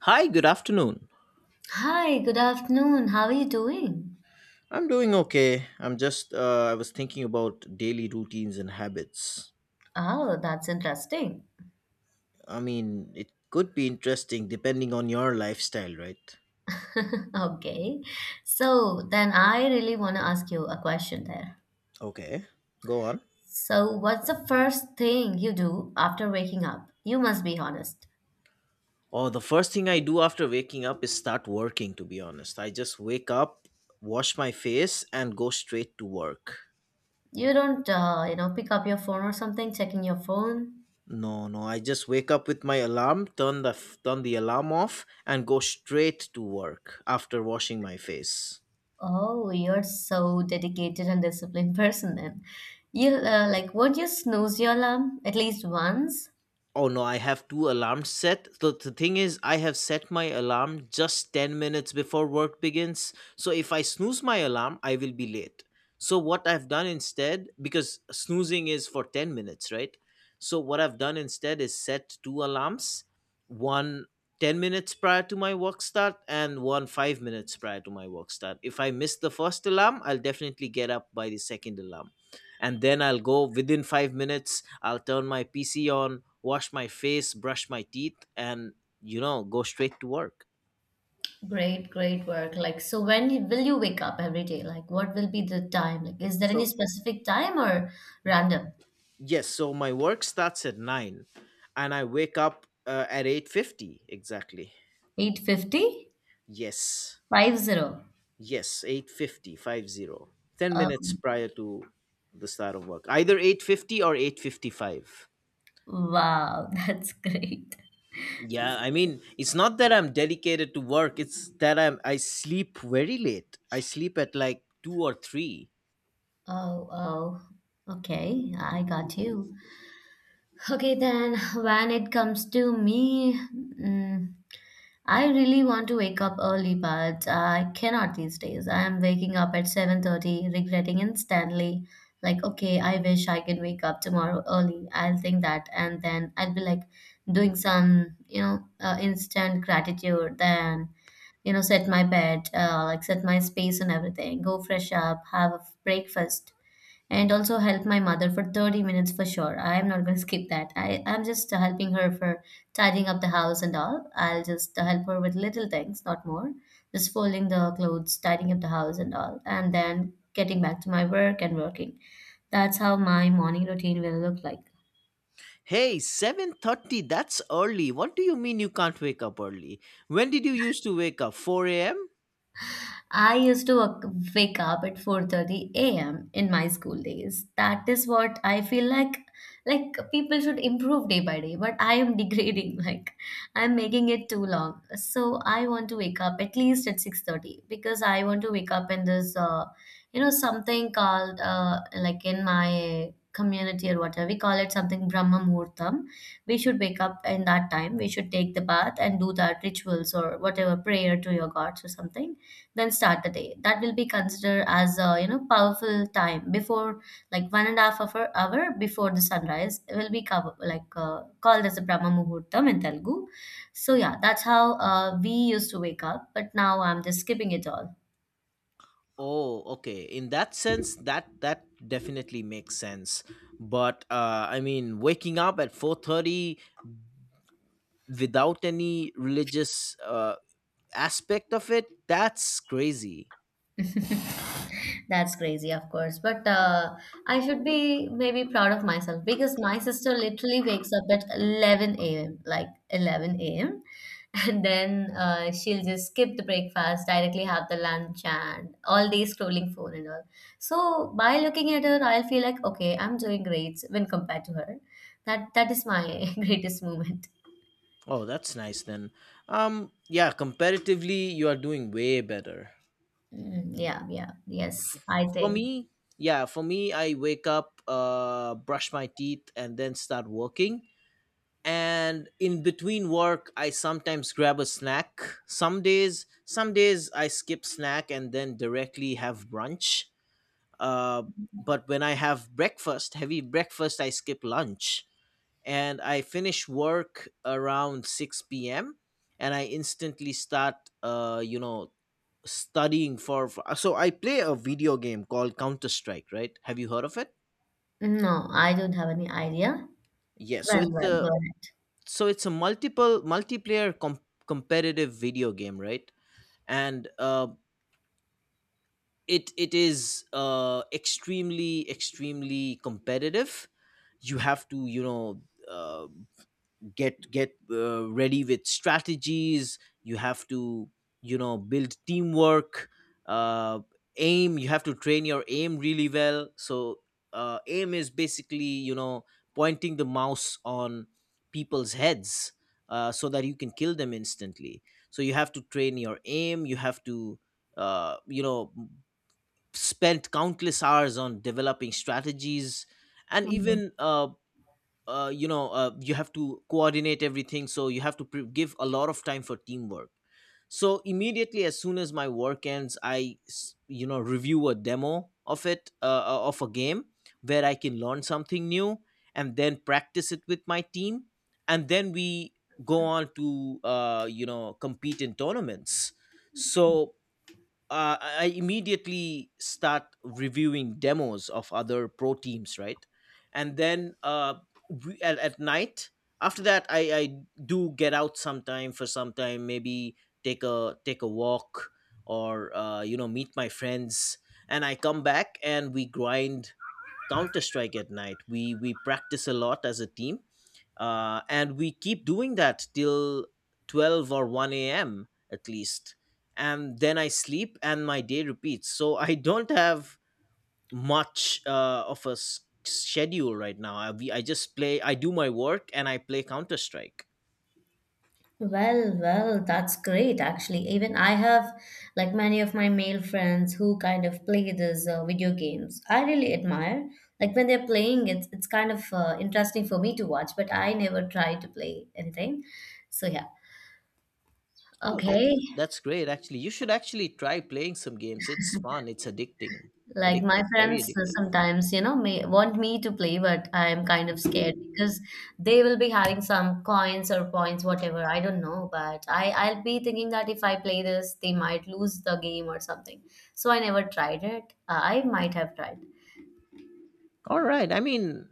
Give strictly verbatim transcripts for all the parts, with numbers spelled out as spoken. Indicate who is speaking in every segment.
Speaker 1: Hi, good afternoon.
Speaker 2: Hi, good afternoon. How are you doing?
Speaker 1: I'm doing okay. I'm just, uh, I was thinking about daily routines and habits.
Speaker 2: Oh, that's interesting.
Speaker 1: I mean, it could be interesting depending on your lifestyle, right?
Speaker 2: Okay. So then I really want to ask you a question there.
Speaker 1: Okay, go on.
Speaker 2: So, what's the first thing you do after waking up? You must be honest.
Speaker 1: Oh, the first thing I do after waking up is start working, to be honest. I just wake up, wash my face, and go straight to work.
Speaker 2: You don't, uh, you know, pick up your phone or something, checking your phone.
Speaker 1: No, no, I just wake up with my alarm, turn the turn the alarm off and go straight to work after washing my face.
Speaker 2: Oh, you're so dedicated and disciplined person then. You uh, like, won't you snooze your alarm at least once?
Speaker 1: Oh no, I have two alarms set. The, the thing is, I have set my alarm just ten minutes before work begins. So if I snooze my alarm, I will be late. So what I've done instead, because snoozing is for ten minutes, right? So what I've done instead is set two alarms, one ten minutes prior to my work start and one five minutes prior to my work start. If I miss the first alarm, I'll definitely get up by the second alarm, and then I'll go within five minutes. I'll turn my P C on, wash my face, brush my teeth, and you know, go straight to work.
Speaker 2: Great, great work. Like, so when will you wake up every day? Like, what will be the time? Like, is there any
Speaker 1: So,
Speaker 2: specific time or random?
Speaker 1: yes, so my work starts at nine, and I wake up uh, at eight fifty exactly.
Speaker 2: eight fifty? fifty.
Speaker 1: Yes,
Speaker 2: Five zero.
Speaker 1: yes, eight fifty five zero. Ten minutes
Speaker 2: Um,
Speaker 1: prior to the start of work, either eight fifty or eight fifty five.
Speaker 2: wow, that's great.
Speaker 1: Yeah, I mean, it's not that I'm dedicated to work, it's that I'm I sleep very late. I sleep at like two or three.
Speaker 2: Oh, oh. Okay, I got you. Okay, then when it comes to me, mm, I really want to wake up early, but I cannot these days. I am waking up at seven thirty, regretting instantly. Like, okay, I wish I can wake up tomorrow early. I'll think that, and then I'll be like doing some, you know, uh, instant gratitude. Then, you know, set my bed, uh, like set my space and everything. Go fresh up, have a breakfast, and also help my mother for thirty minutes for sure. I am not going to skip that. I am just uh, helping her for tidying up the house and all. I'll just uh, help her with little things, not more. Just folding the clothes, tidying up the house and all, and then getting back to my work and working. That's how my morning routine will look like.
Speaker 1: Hey, seven thirty, that's early. What do you mean you can't wake up early? When did you used to wake up? four a m?
Speaker 2: I used to wak- wake up at four thirty a m in my school days. That is what I feel like like people should improve day by day, but I am degrading like I'm making it too long. So I want to wake up at least at six thirty because I want to wake up in this uh, you know something called uh, like in my community or whatever we call it something Brahma Muhurtam. We should wake up in that time. We should take the bath and do that rituals or whatever prayer to your gods or something then start the day. That will be considered as a you know powerful time before like one and a half hour hour before the sunrise will be cover, like uh, called as a Brahma Muhurtam in Telugu. So yeah, that's how uh, we used to wake up, but now I'm just skipping it all.
Speaker 1: Oh, okay. In that sense, that that definitely makes sense. But uh I mean, waking up at four thirty without any religious uh aspect of it, that's crazy.
Speaker 2: That's crazy, of course, but uh, I should be maybe proud of myself because my sister literally wakes up at eleven a m, like eleven a m And then uh, she'll just skip the breakfast, directly have the lunch and all day scrolling phone and all. So by looking at her, I'll feel like, okay, I'm doing great when compared to her. That that is my greatest moment.
Speaker 1: Oh, that's nice then. Um, yeah, comparatively, you are doing way better.
Speaker 2: Mm, yeah, yeah, yes, I
Speaker 1: For
Speaker 2: think.
Speaker 1: me, yeah, for me, I wake up, uh, brush my teeth, and then start working. And in between work, I sometimes grab a snack. Some days, some days I skip snack and then directly have brunch. Uh, but when I have breakfast, heavy breakfast, I skip lunch and I finish work around six p m, and I instantly start, uh, you know, studying for, for. So I play a video game called Counter Strike, right? Have you heard of it?
Speaker 2: No, I don't have any idea.
Speaker 1: Yeah. So
Speaker 2: Well,
Speaker 1: it's
Speaker 2: well,
Speaker 1: a
Speaker 2: go
Speaker 1: so it's a multiple multiplayer com- competitive video game, right? And uh, it it is uh, extremely extremely competitive. You have to, you know. Uh, get get uh, ready with strategies. You have to you know build teamwork. uh, Aim, you have to train your aim really well so uh, Aim is basically you know pointing the mouse on people's heads, uh, so that you can kill them instantly. So you have to train your aim. You have to uh, you know spend countless hours on developing strategies, and
Speaker 2: ahead.
Speaker 1: even uh, uh, you know uh, you have to coordinate everything. So you have to pre- give a lot of time for teamwork. So immediately as soon as my work ends, i s- you know review a demo of it uh, uh, of a game where I can learn something new, and then practice it with my team, and then we go on to uh, you know compete in tournaments. So uh, I I immediately start reviewing demos of other pro teams, right? And then uh, we, at, at night, after that, I, I do get out sometime for some time, maybe take a take a walk, or uh, you know meet my friends, and I come back and we grind Counter Strike at night. We we practice a lot as a team, uh, and we keep doing that till twelve or one a.m. at least, and then I sleep and my day repeats. So I don't have much uh, of a s- schedule right now. I, we, I just play. I do my work and I play Counter Strike.
Speaker 2: Well, well, that's great actually. Even I have like many of my male friends who kind of play these uh, video games. I really admire. Like when they're playing, it's it's kind of uh, interesting for me to watch, but I never try to play anything. So yeah.
Speaker 1: Oh, that's
Speaker 2: Okay.
Speaker 1: that's great actually. You should actually try playing some games. It's fun, it's addicting
Speaker 2: Like my
Speaker 1: addictive very
Speaker 2: friends uh,
Speaker 1: addictive.
Speaker 2: sometimes, you know, may want me to play, but I am kind of scared because they will be having some coins or points, whatever. I don't know, but I I'll be thinking that if I play this, they might lose the game or something. So I never tried it. Uh, I might have tried.
Speaker 1: All right. I mean,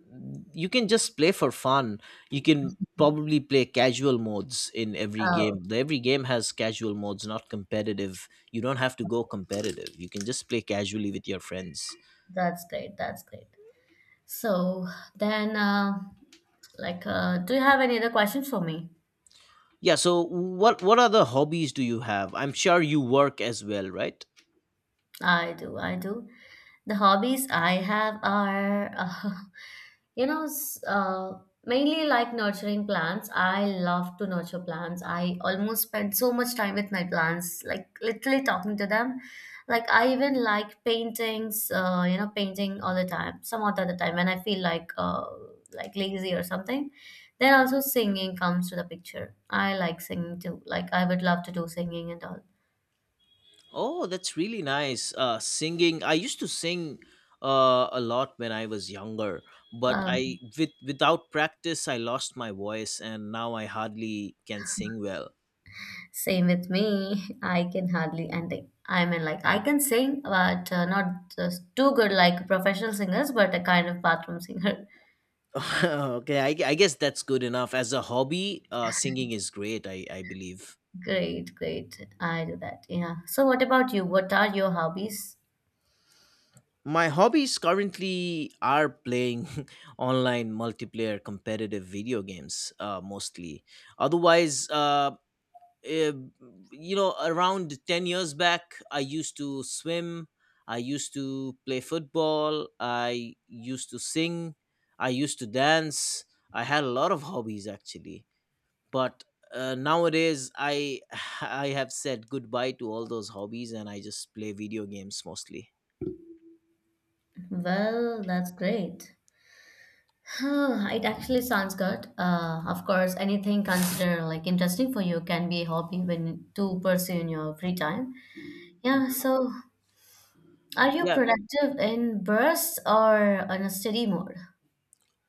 Speaker 1: you can just play for fun. You can probably play casual modes in every
Speaker 2: Oh,
Speaker 1: game. The- Every game has casual modes, not competitive. You don't have to go competitive. You can just play casually with your friends.
Speaker 2: that's great. That's great. So then, uh, like, uh, do you have any other questions for me?
Speaker 1: Yeah, so what what other hobbies do you have? I'm sure you work as well, right?
Speaker 2: I do. I do. The hobbies I have are, uh, you know, s- uh, mainly like nurturing plants. I love to nurture plants. I almost spend so much time with my plants, like literally talking to them. Like I even like paintings, uh, you know, painting all the time. Some of the other time when I feel like uh, like lazy or something, then also singing comes to the picture. I like singing too. Like I would love to do singing and all.
Speaker 1: Oh, that's really nice. Uh singing. I used to sing uh a lot when I was younger, but I
Speaker 2: Um,
Speaker 1: with without practice I lost my voice, and now I hardly can sing well.
Speaker 2: Same with me. I can hardly, and I I mean, like, I can sing, but uh, not just too good like professional singers, but a kind of bathroom singer.
Speaker 1: okay, I, I guess that's good enough. As a hobby, uh, singing is great, I, I believe.
Speaker 2: Great, great. I do that. Yeah. So, what about you? What are your hobbies?
Speaker 1: My hobbies currently are playing online multiplayer competitive video games, uh, mostly. Otherwise, uh, eh, you know, around ten years back, I used to swim, I used to play football, I used to sing, I used to dance. I had a lot of hobbies actually, but uh, nowadays I I have said goodbye to all those hobbies and I just play video games mostly.
Speaker 2: Well, that's great. It actually sounds good. Uh, of course, anything considered like interesting for you can be a hobby when to pursue in your free time. Yeah.
Speaker 1: Mhm.
Speaker 2: So, are you
Speaker 1: Yeah,
Speaker 2: productive in bursts or on a steady mode?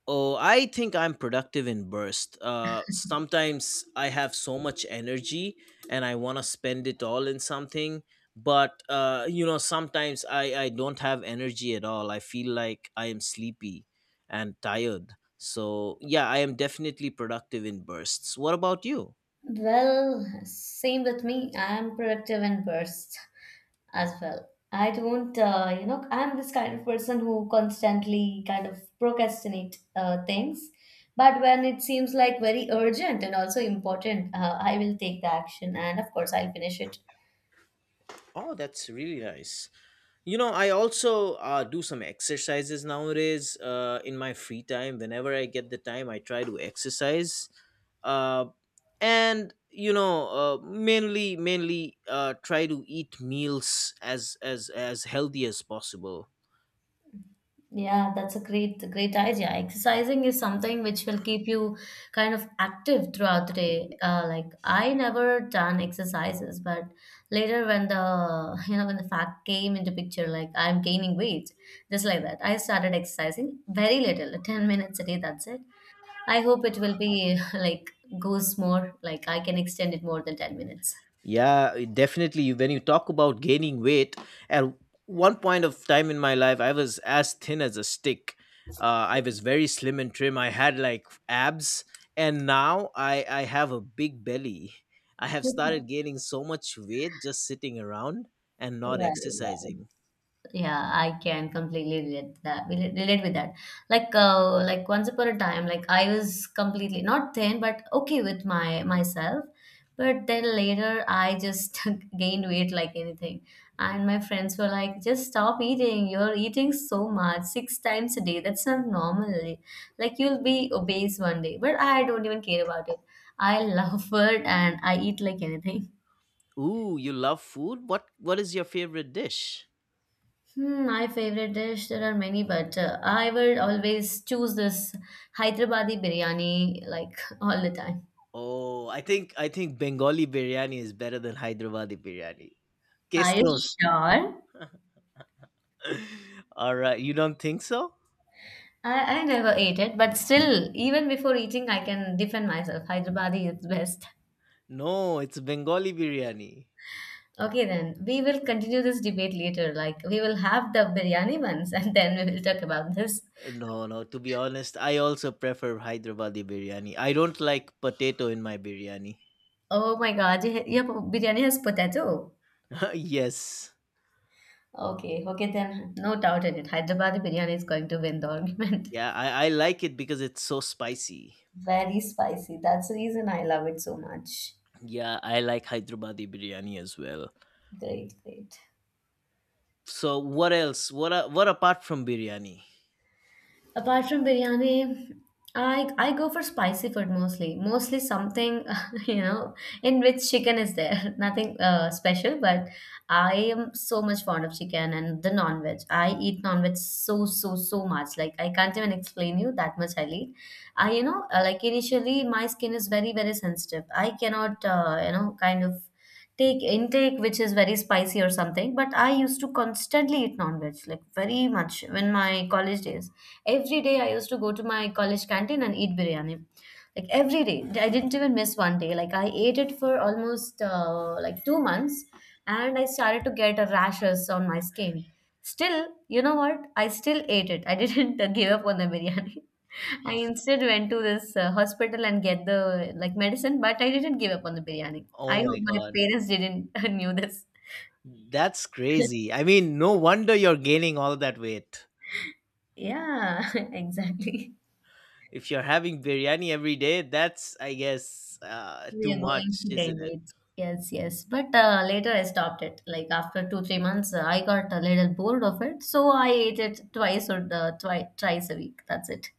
Speaker 1: oh, I think I'm productive in burst uh sometimes. I have so much energy and I want to spend it all in something, but uh you know sometimes i i don't have energy at all. I feel like I am sleepy and tired. So yeah, I am definitely productive in bursts. What about you?
Speaker 2: Well, same with me. I am productive in bursts as well. I don't, uh, you know, I'm this kind of person who constantly kind of procrastinate uh, things. But when it seems like very urgent and also important, uh, I will take the action and of course I'll finish it.
Speaker 1: Oh, that's really nice. you know I also uh, do some exercises nowadays, uh, in my free time. Whenever I get the time I try to exercise, uh, and you know uh, mainly mainly uh, try to eat meals as as as healthy as possible.
Speaker 2: Yeah, that's a great great idea. Exercising is something which will keep you kind of active throughout the day. Uh, like I never done exercises, but later when the you know when the fact came into picture, like I'm gaining weight, just like that, I started exercising very little, like ten minutes a day. That's it. I hope it will be like goes more. Like I can extend it more than ten minutes.
Speaker 1: Yeah, it definitely. When you talk about gaining weight, at one point of time in my life, I was as thin as a stick. Uh, I was very slim and trim. I had like abs, and now I I have a big belly. I have started gaining so much weight just sitting around and not
Speaker 2: Well, well.
Speaker 1: exercising.
Speaker 2: Yeah, I can completely relate that relate relate with that. Like uh, like once upon a time, like I was completely not thin but okay with my myself, but then later I just gained weight like anything. And my friends were like, just stop eating, you're eating so much six times a day, that's not normal. Like you'll be obese one day, but I don't even care about it. I love food and I eat like anything.
Speaker 1: Ooh, you love food? What what is your favorite dish?
Speaker 2: Hmm, my favorite dish, there are many, but uh, I would always choose this Hyderabadi biryani like all the time.
Speaker 1: Oh, I think I think Bengali biryani is better than Hyderabadi biryani. Case
Speaker 2: Are you
Speaker 1: closed.
Speaker 2: sure?
Speaker 1: All right, you don't think so?
Speaker 2: I, I never ate it, but still, even before eating, I can defend myself. Hyderabadi is best.
Speaker 1: No, it's Bengali biryani.
Speaker 2: Okay, then we will continue this debate later. Like, we will have the biryani ones and then we will talk about this.
Speaker 1: No, no, to be honest, I also prefer Hyderabadi biryani. I don't like potato in my biryani.
Speaker 2: Oh my god, your your biryani has potato.
Speaker 1: yes.
Speaker 2: Okay, okay, then no doubt in it. Hyderabadi biryani is going to win the argument.
Speaker 1: Yeah, I, I like it because it's so spicy.
Speaker 2: Very spicy. That's the reason I love it so much.
Speaker 1: Yeah, I like Hyderabadi biryani as well.
Speaker 2: Great, great.
Speaker 1: So what else? What a- what apart from biryani?
Speaker 2: Apart from biryani, I I go for spicy food mostly. Mostly something you know in which chicken is there. Nothing uh, special, but I am so much fond of chicken and the non-veg. I eat non-veg so so so much. Like I can't even explain you that much I eat. I you know uh, like initially my skin is very very sensitive. I cannot uh, you know kind of take intake which is very spicy or something. But I used to constantly eat non-veg like very much in my college days. Every day I used to go to my college canteen and eat biryani. Like every day. I didn't even miss one day. Like I ate it for almost uh, like two months and I started to get a rashes on my skin. Still, you know what? I still ate it. I didn't uh, give up on the biryani. I instead went to this uh, hospital and get the like medicine, but I didn't give up on the biryani. I
Speaker 1: Oh
Speaker 2: hope
Speaker 1: my
Speaker 2: my
Speaker 1: god.
Speaker 2: parents didn't knew this.
Speaker 1: That's crazy. I mean, no wonder you're gaining all that weight.
Speaker 2: Yeah, exactly.
Speaker 1: If you're having biryani every day, that's, I guess, uh,
Speaker 2: We
Speaker 1: too
Speaker 2: are going
Speaker 1: much,
Speaker 2: to gain
Speaker 1: isn't it?
Speaker 2: weight. Yes, yes. But uh, later I stopped it. Like after two, three months, uh, I got a little bored of it. So I ate it twice or uh, twi- twice a week. That's it.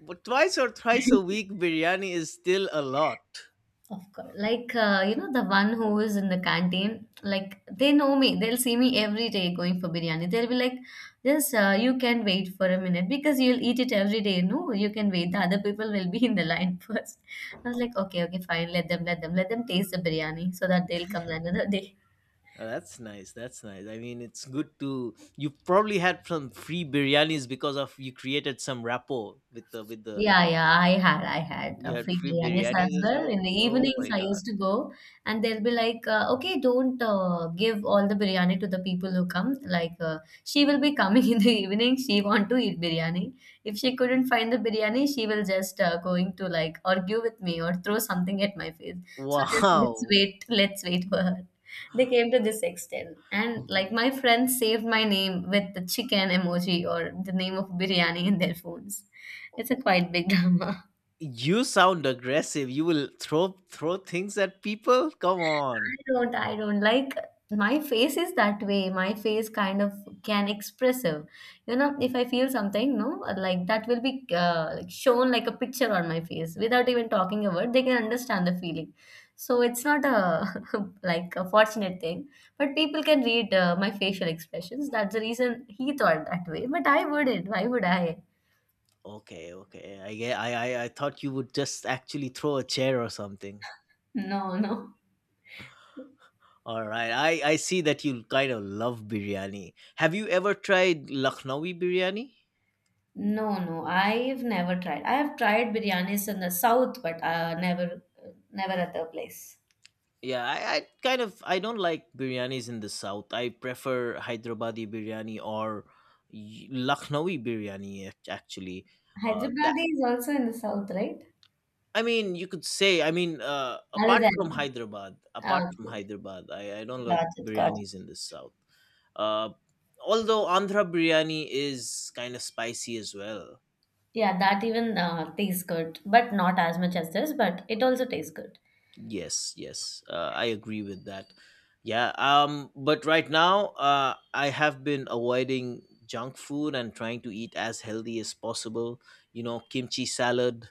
Speaker 1: But twice or thrice a week, biryani is still a lot.
Speaker 2: Of course. Like, uh, you know, the one who is in the canteen, like, they know me. They'll see me every day going for biryani. They'll be like, "Yes, uh, you can wait for a minute because you'll eat it every day. No, you can wait. The other people will be in the line first. I was like, okay, okay, fine. Let them, let them, let them taste the biryani so that they'll come another day.
Speaker 1: Oh, that's nice. That's nice. I mean, it's good to. You probably had some free biryanis because of you created some rapport with the with the.
Speaker 2: Yeah, yeah, I had, I had
Speaker 1: You
Speaker 2: uh,
Speaker 1: had
Speaker 2: free
Speaker 1: free
Speaker 2: biryanis as
Speaker 1: biryanis as
Speaker 2: well.
Speaker 1: well.
Speaker 2: In the
Speaker 1: Oh
Speaker 2: evenings,
Speaker 1: my
Speaker 2: I
Speaker 1: god!
Speaker 2: used to go, and they'll be like, uh, "Okay, don't uh, give all the biryani to the people who come. Like, uh, she will be coming in the evening. She want to eat biryani. If she couldn't find the biryani, she will just uh, going to like argue with me or throw something at my face. So just let's
Speaker 1: Wow,
Speaker 2: wait, let's wait for her. They came to this extent, and like my friends saved my name with the chicken emoji or the name of biryani in their phones. It's a quite big drama.
Speaker 1: you sound aggressive. You will throw throw things at people. Come on.
Speaker 2: I don't, I don't like my face is that way. My face kind of can expressive. You know, if I feel something, no, like that will be uh, like shown like a picture on my face without even talking a word. They can understand the feeling. So it's not a like a fortunate thing, but people can read uh, my facial expressions. That's the reason he thought that way. But I wouldn't. Why would I?
Speaker 1: Okay, okay. I get. I, I I thought you would just actually throw a chair or something.
Speaker 2: No, no.
Speaker 1: All right. I I see that you kind of love biryani. Have you ever tried Lucknowi biryani?
Speaker 2: No, no, I've never tried. I have tried biryanis in the south, but uh, never, never at the place.
Speaker 1: Yeah, I, I kind of I don't like biryanis in the south. I prefer Hyderabadi biryani or y- Lucknowi biryani act- actually. Uh,
Speaker 2: Hyderabadi is also in the south, right?
Speaker 1: I mean, you could say. I mean, uh,
Speaker 2: Other
Speaker 1: apart from
Speaker 2: than
Speaker 1: Hyderabad, apart from
Speaker 2: okay,
Speaker 1: Hyderabad, I, I don't like
Speaker 2: got it, got it.
Speaker 1: biryanis in the south. Uh, Although Andhra biryani is kind of spicy as well.
Speaker 2: Yeah, that even uh, tastes good, but not as much as this, but it also tastes good.
Speaker 1: Yes, yes, uh, I agree with that. Yeah. Um. But right now, uh, I have been avoiding junk food and trying to eat as healthy as possible. You know, kimchi salad,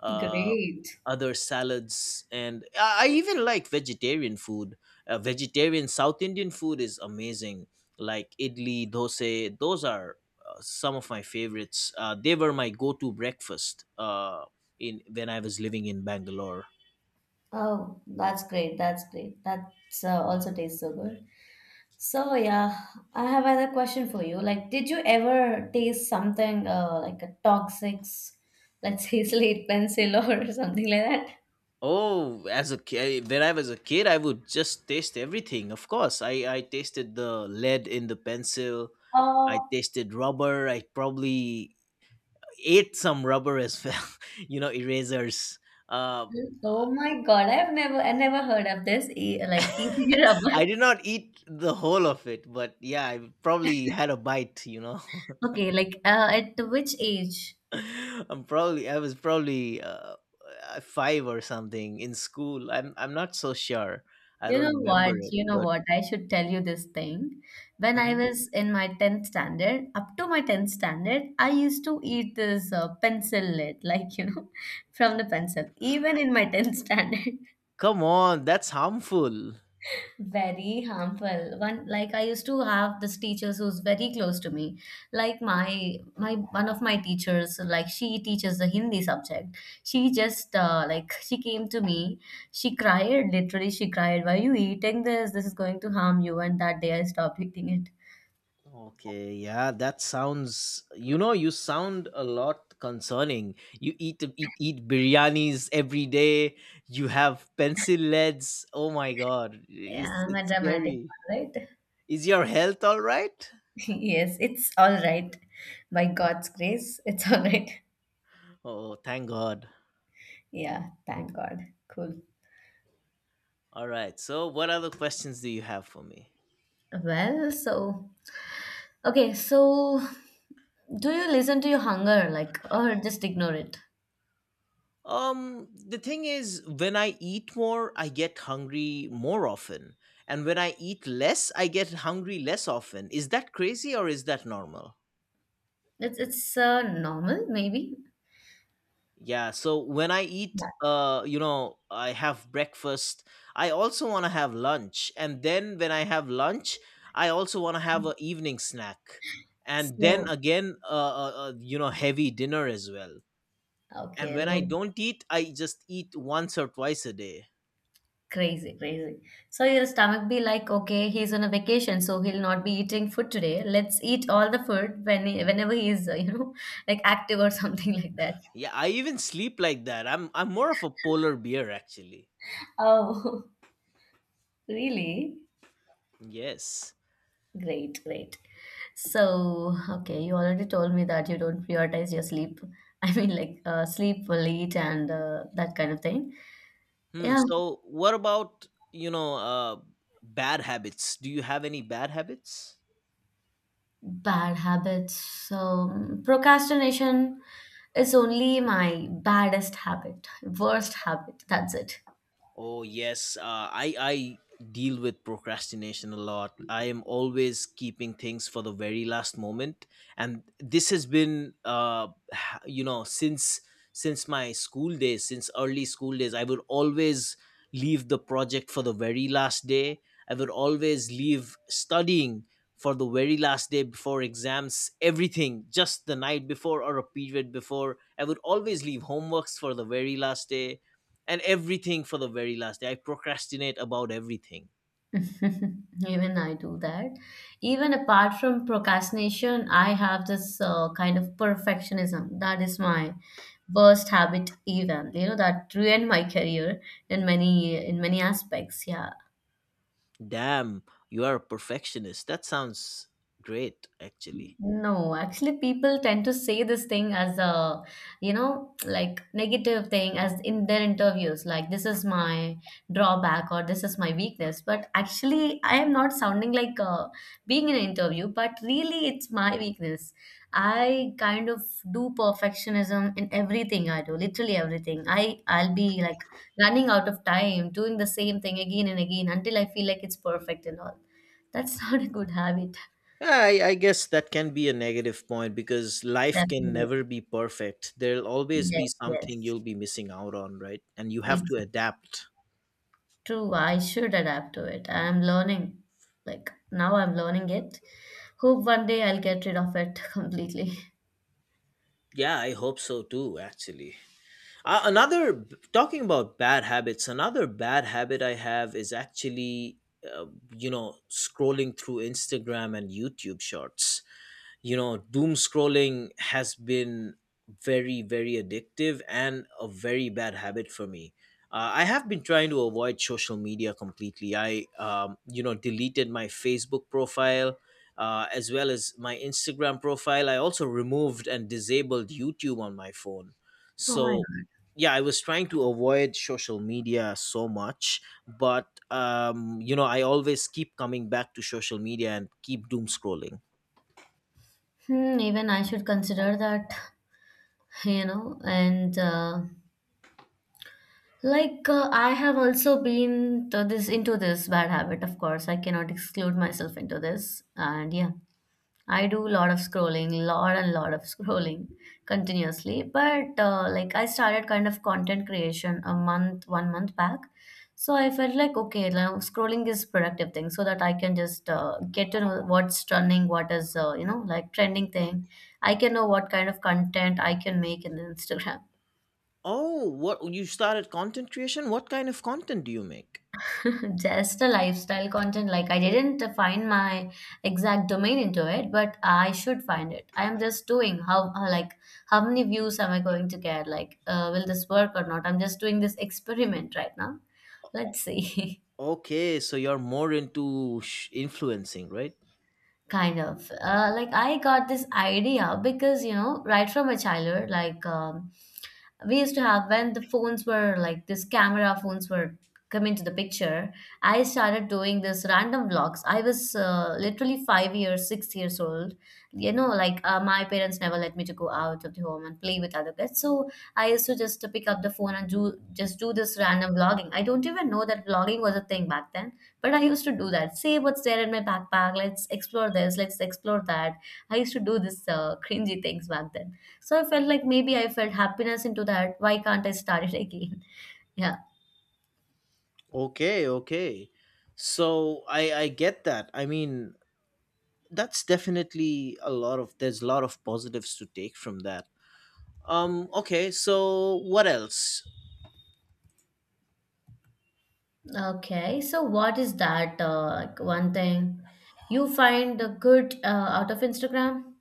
Speaker 1: uh,
Speaker 2: Great.
Speaker 1: other salads, and i I even like vegetarian food. Uh, vegetarian South Indian food is amazing, like idli dosa. Those are uh, some of my favorites. Uh, they were my go-to breakfast uh, in when I was living in Bangalore.
Speaker 2: Oh, that's great. That's great. That's uh, also tastes so good. So yeah, I have another question for you. Like, did you ever taste something uh, like a toxic, let's say slate pencil or something like that?
Speaker 1: Oh, as a kid, when I was a kid, I would just taste everything. Of course, I I tasted the lead in the pencil. I
Speaker 2: Oh,
Speaker 1: tasted rubber. I probably ate some rubber as well. you know, erasers. Uh,
Speaker 2: oh my God! I've never, I never heard of this. e- Like eating rubber.
Speaker 1: I did not eat the whole of it, but yeah, I probably had a bite. You know,
Speaker 2: Okay, like uh, at which age?
Speaker 1: I'm probably I was probably uh, uh, five or something in school. I'm I'm not so sure. I
Speaker 2: You
Speaker 1: don't
Speaker 2: know what?
Speaker 1: remember it,
Speaker 2: You know
Speaker 1: but.
Speaker 2: what? I should tell you this thing. When I
Speaker 1: Mhm.
Speaker 2: was in my tenth standard, up to my tenth standard, I used to eat this uh, pencil lid, like, you know, from the pencil, even in my tenth standard
Speaker 1: Come on, that's harmful.
Speaker 2: very harmful one. Like I used to have this teacher who's very close to me, like my my one of my teachers. Like she teaches the Hindi subject. She just uh, like she came to me. She cried, literally she cried, why are you eating this? This is going to harm you. And that day I stopped eating it.
Speaker 1: Okay, yeah, that sounds. You know, you sound a lot concerning. You eat eat eat biryanis every day. You have pencil leads. Oh my god,
Speaker 2: Yeah,
Speaker 1: it's
Speaker 2: I'm a
Speaker 1: it's
Speaker 2: dramatic
Speaker 1: scary.
Speaker 2: one, right?
Speaker 1: Is your health all right?
Speaker 2: Yes, it's all right. By God's grace it's all right.
Speaker 1: Oh, thank God.
Speaker 2: Yeah, thank God. Cool.
Speaker 1: All right. So, what other questions do you have for me?
Speaker 2: Well, so okay so do you listen to your hunger, like, or just ignore it?
Speaker 1: Um, the thing is, when I eat more, I get hungry more often. And when I eat less, I get hungry less often. Is that crazy or is that normal?
Speaker 2: It's it's uh, normal, maybe.
Speaker 1: Yeah, so when I eat,
Speaker 2: Yeah.
Speaker 1: uh, you know, I have breakfast. I also want to have lunch. And then when I have lunch, I also want to have an evening snack. And then
Speaker 2: So
Speaker 1: again, uh, uh, uh, you know, heavy dinner as well. And
Speaker 2: okay,
Speaker 1: when I
Speaker 2: no,
Speaker 1: don't eat, I just eat once or twice a day.
Speaker 2: crazy, crazy. So your stomach be like, okay, he's on a vacation, so he'll not be eating food today. Let's eat all the food when he, whenever he's uh, you know like active or something like that.
Speaker 1: Yeah, I even sleep like that. I'm i'm more of a polar bear actually.
Speaker 2: Oh, really?
Speaker 1: Yes.
Speaker 2: Great, great. So, okay, you already told me that you don't prioritize your sleep. I mean, like uh, sleep late and uh, that kind of thing.
Speaker 1: hmm
Speaker 2: Yeah.
Speaker 1: so what about, you know uh bad habits, do you have any bad habits?
Speaker 2: Bad habits. Um, procrastination is only my baddest habit, worst habit. That's it.
Speaker 1: Oh yes, uh, I I deal with procrastination a lot. I am always keeping things for the very last moment, and this has been uh, ha- you know since since my school days, since early school days, I would always leave the project for the very last day. I would always leave studying for the very last day before exams, everything just the night before or a period before. I would always leave homeworks for the very last day and everything for the very last day. I procrastinate about everything.
Speaker 2: Even I do that. Even apart from procrastination, I have this uh, kind of perfectionism. That is my worst habit even. You know, that ruined my career in many in many aspects. Yeah.
Speaker 1: Damn, you are a perfectionist. That sounds great, actually.
Speaker 2: No, actually, people tend to say this thing as a, you know, like negative thing as in their interviews, like this is my drawback or this is my weakness. But actually, I am not sounding like uh, being in an interview, but really, it's my weakness. I kind of do perfectionism in everything I do, literally everything. I I'll be like running out of time, doing the same thing again and again until I feel like it's perfect and all. That's not a good habit,
Speaker 1: Yeah, I, I guess that can be a negative point because life can
Speaker 2: definitely.
Speaker 1: never be perfect. There'll always be
Speaker 2: Yes,
Speaker 1: something
Speaker 2: yes,
Speaker 1: you'll be missing out on, right? And you have to
Speaker 2: exactly.
Speaker 1: adapt.
Speaker 2: True, I should adapt to it. I'm learning, like now I'm learning it. Hope one day I'll get rid of it completely.
Speaker 1: Yeah, I hope so too, actually. Uh, another, talking about bad habits, another bad habit I have is actually, uh, you know, scrolling through Instagram and YouTube shorts. You know, doom scrolling has been very very addictive and a very bad habit for me. uh, I have been trying to avoid social media completely. I um, you know deleted my Facebook profile, uh, as well as my Instagram profile. I also removed and disabled YouTube on my phone.
Speaker 2: Oh my
Speaker 1: So
Speaker 2: God.
Speaker 1: yeah, I was trying to avoid social media so much, but um, you know I always keep coming back to social media and keep doom scrolling.
Speaker 2: Hmm, even I should consider that, you know, and uh, like uh, I have also been to this into this bad habit, of course. I cannot exclude myself into this, and yeah. I do a lot of scrolling, lot and lot of scrolling continuously. But uh, like I started kind of content creation a month, one month back. So I felt like okay, now scrolling is productive thing, so that I can just uh, get to know what's trending, what is uh, you know like trending thing. I can know what kind of content I can make in Instagram.
Speaker 1: Oh, what, you started content creation? What kind of content do you make?
Speaker 2: Just a lifestyle content. Like I didn't find my exact domain into it, but I should find it. I am just doing how how, like how many views am I going to get? Like uh, will this work or not? I'm just doing this experiment right now. Let's see.
Speaker 1: Okay, so you're more into sh- influencing, right?
Speaker 2: Kind of. Uh, like I got this idea because, you know, right from a childhood, like um, we used to have when the phones were like this camera phones were come into the picture, I started doing this random vlogs. I was uh, literally five years, six years old. You know, like uh, my parents never let me to go out of the home and play with other kids. So I used to just to pick up the phone and do just do this random vlogging. I don't even know that vlogging was a thing back then. But I used to do that. See what's there in my backpack. Let's explore this. Let's explore that. I used to do this uh, cringy things back then. So I felt like maybe I felt happiness into that. Why can't I start it again? Yeah.
Speaker 1: Okay, okay. So I I get that. I mean, that's definitely a lot of there's a lot of positives to take from that. Um okay, so what else?
Speaker 2: Okay. So what is that uh, like one thing you find uh, good uh, out of Instagram?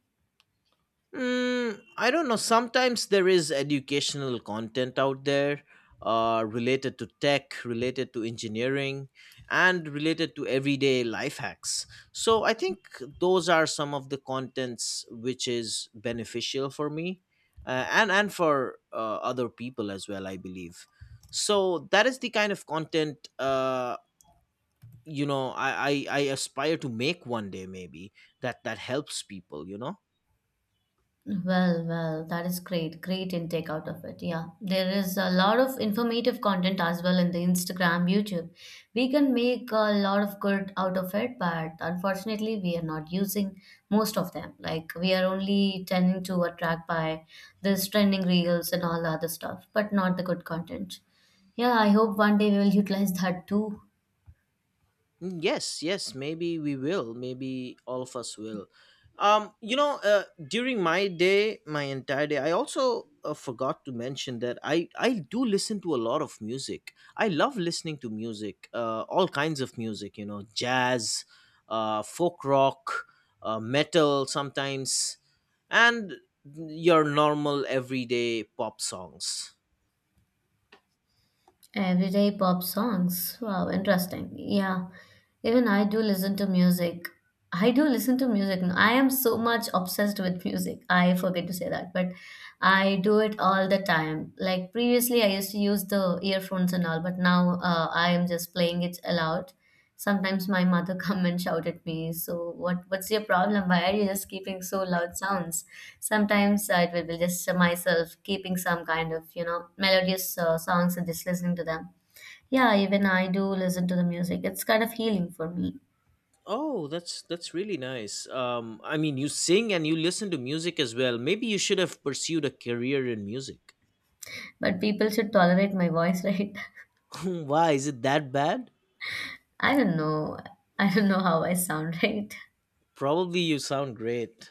Speaker 1: Mm, I don't know. Sometimes there is educational content out there, uh, related to tech, related to engineering, and related to everyday life hacks. So I think those are some of the contents which is beneficial for me uh, and, and for uh, other people as well, I believe. So that is the kind of content. Uh, you know I, I i aspire to make one day maybe that that helps people, you know.
Speaker 2: Well, well, that is great. Great intake out of it. Yeah. There is a lot of informative content as well in the Instagram, YouTube. We can make a lot of good out of it, but unfortunately, we are not using most of them. Like, we are only tending to attract by this trending reels and all the other stuff, but not the good content. Yeah, I hope one day we will utilize that too.
Speaker 1: Mm, yes, yes, maybe we will. Maybe all of us will. Um, you know, uh, during my day, my entire day, I also uh, forgot to mention that I I do listen to a lot of music. I love listening to music, uh, all kinds of music. You know, jazz, uh, folk rock, uh, metal, sometimes, and your normal everyday pop songs.
Speaker 2: Everyday pop songs. Wow, interesting. Yeah, even I do listen to music. I do listen to music. No, I am so much obsessed with music. I forget to say that, but I do it all the time. Like previously, I used to use the earphones and all, but now uh, I am just playing it aloud. Sometimes my mother come and shout at me, so what what's your problem? Why are you just keeping so loud sounds? Sometimes uh, it will be just myself keeping some kind of, you know, melodious uh, songs and just listening to them. Yeah, even I do listen to the music. It's kind of healing for me.
Speaker 1: Oh, that's that's really nice. Um, I mean, you sing and you listen to music as well. Maybe you should have pursued a career in music.
Speaker 2: But people should tolerate my voice, right?
Speaker 1: Why is it that bad?
Speaker 2: I don't know. I don't know how I sound, right?
Speaker 1: Probably you sound great.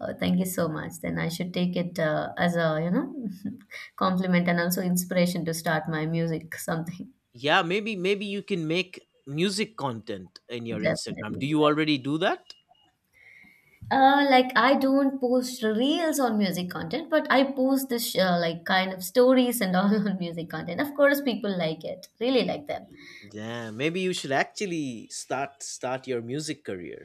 Speaker 2: Oh, thank you so much. Then I should take it uh, as a, you know, compliment and also inspiration to start my music, something.
Speaker 1: Yeah, maybe maybe you can make music content in your Instagram.
Speaker 2: Definitely.
Speaker 1: Do you already do that?
Speaker 2: Uh, like I don't post reels on music content, but I post this uh, like kind of stories and all on music content. Of course, people like it, really like them.
Speaker 1: Yeah, maybe you should actually start start your music career.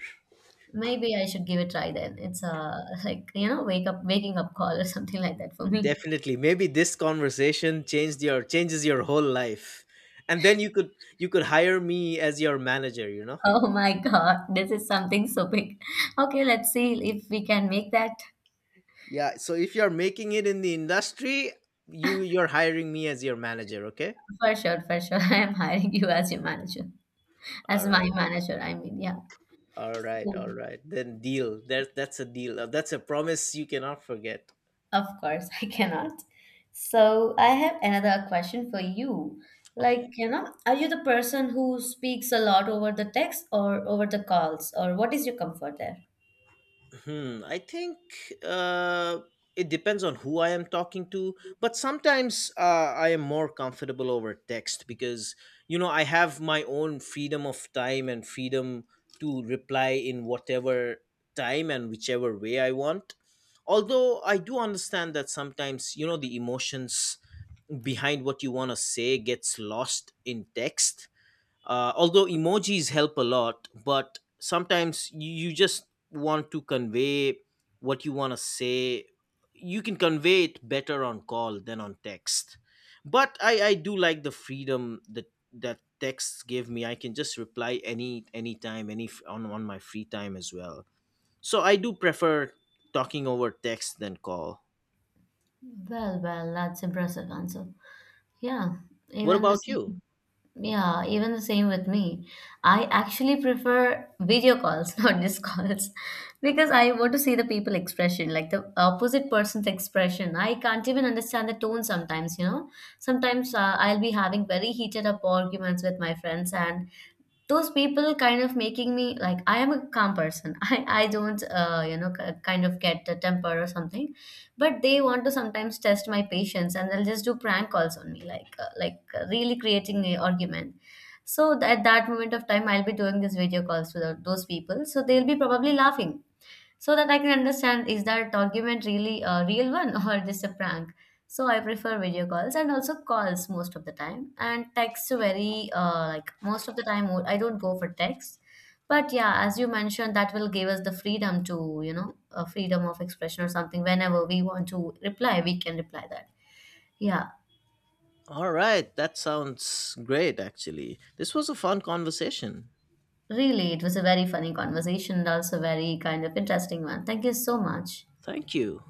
Speaker 2: Maybe I should give it a try then. It's a like you know wake up waking up call or something like that for me.
Speaker 1: Definitely. Maybe this conversation changed your changes your whole life. And then you could you could hire me as your manager, you know?
Speaker 2: Oh my God, this is something so big. Okay, let's see if we can make that
Speaker 1: Yeah, so if you're making it in the industry, you you're hiring me as your manager, okay?
Speaker 2: for sure. For sure, I am hiring you as your manager, as
Speaker 1: All
Speaker 2: my
Speaker 1: right.
Speaker 2: manager. I mean, yeah.
Speaker 1: All right.
Speaker 2: So
Speaker 1: All right. Then deal. There That's a deal. Uh, That's a promise you cannot forget.
Speaker 2: of course, I cannot. So I have another question for you.
Speaker 1: Okay.
Speaker 2: Like, you know, are you the person who speaks a lot over the text or over the calls, or what is your comfort there?
Speaker 1: Hmm, I think uh, it depends on who I am talking to, but sometimes uh, I am more comfortable over text because, you know, I have my own freedom of time and freedom to reply in whatever time and whichever way I want. Although I do understand that sometimes, you know, the emotions behind what you want to say gets lost in text. Uh, although emojis help a lot, but sometimes you, you just want to convey what you want to say. You can convey it better on call than on text. But i i do like the freedom that that texts give me. I can just reply any anytime, any f- on on my free time as well. So I do prefer talking over text than call.
Speaker 2: Well, well, that's impressive answer. Yeah,
Speaker 1: What
Speaker 2: even the
Speaker 1: about you?
Speaker 2: same. Yeah, even the same with me. I actually prefer video calls, not just calls, because I want to see the people expression, like the opposite person's expression. I can't even understand the tone sometimes, you know. Sometimes uh, I'll be having very heated up arguments with my friends, and those people kind of making me like I am a calm person. I I don't uh, you know k- kind of get a temper or something, but they want to sometimes test my patience and they'll just do prank calls on me like uh, like uh, really creating a argument. So th- at that moment of time, I'll be doing these video calls to tho- those people. So they'll be probably laughing so that I can understand is that document really a real one or just a prank. So I prefer video calls and also calls most of the time and text very uh, like most of the time I don't go for text. But yeah, as you mentioned, that will give us the freedom to you know a freedom of expression or something. Whenever we want to reply, we can reply that. Yeah,
Speaker 1: All right, that sounds great actually. This was a fun conversation.
Speaker 2: really, it was a very funny conversation and also very kind of interesting one. Thank you so much.
Speaker 1: Thank you.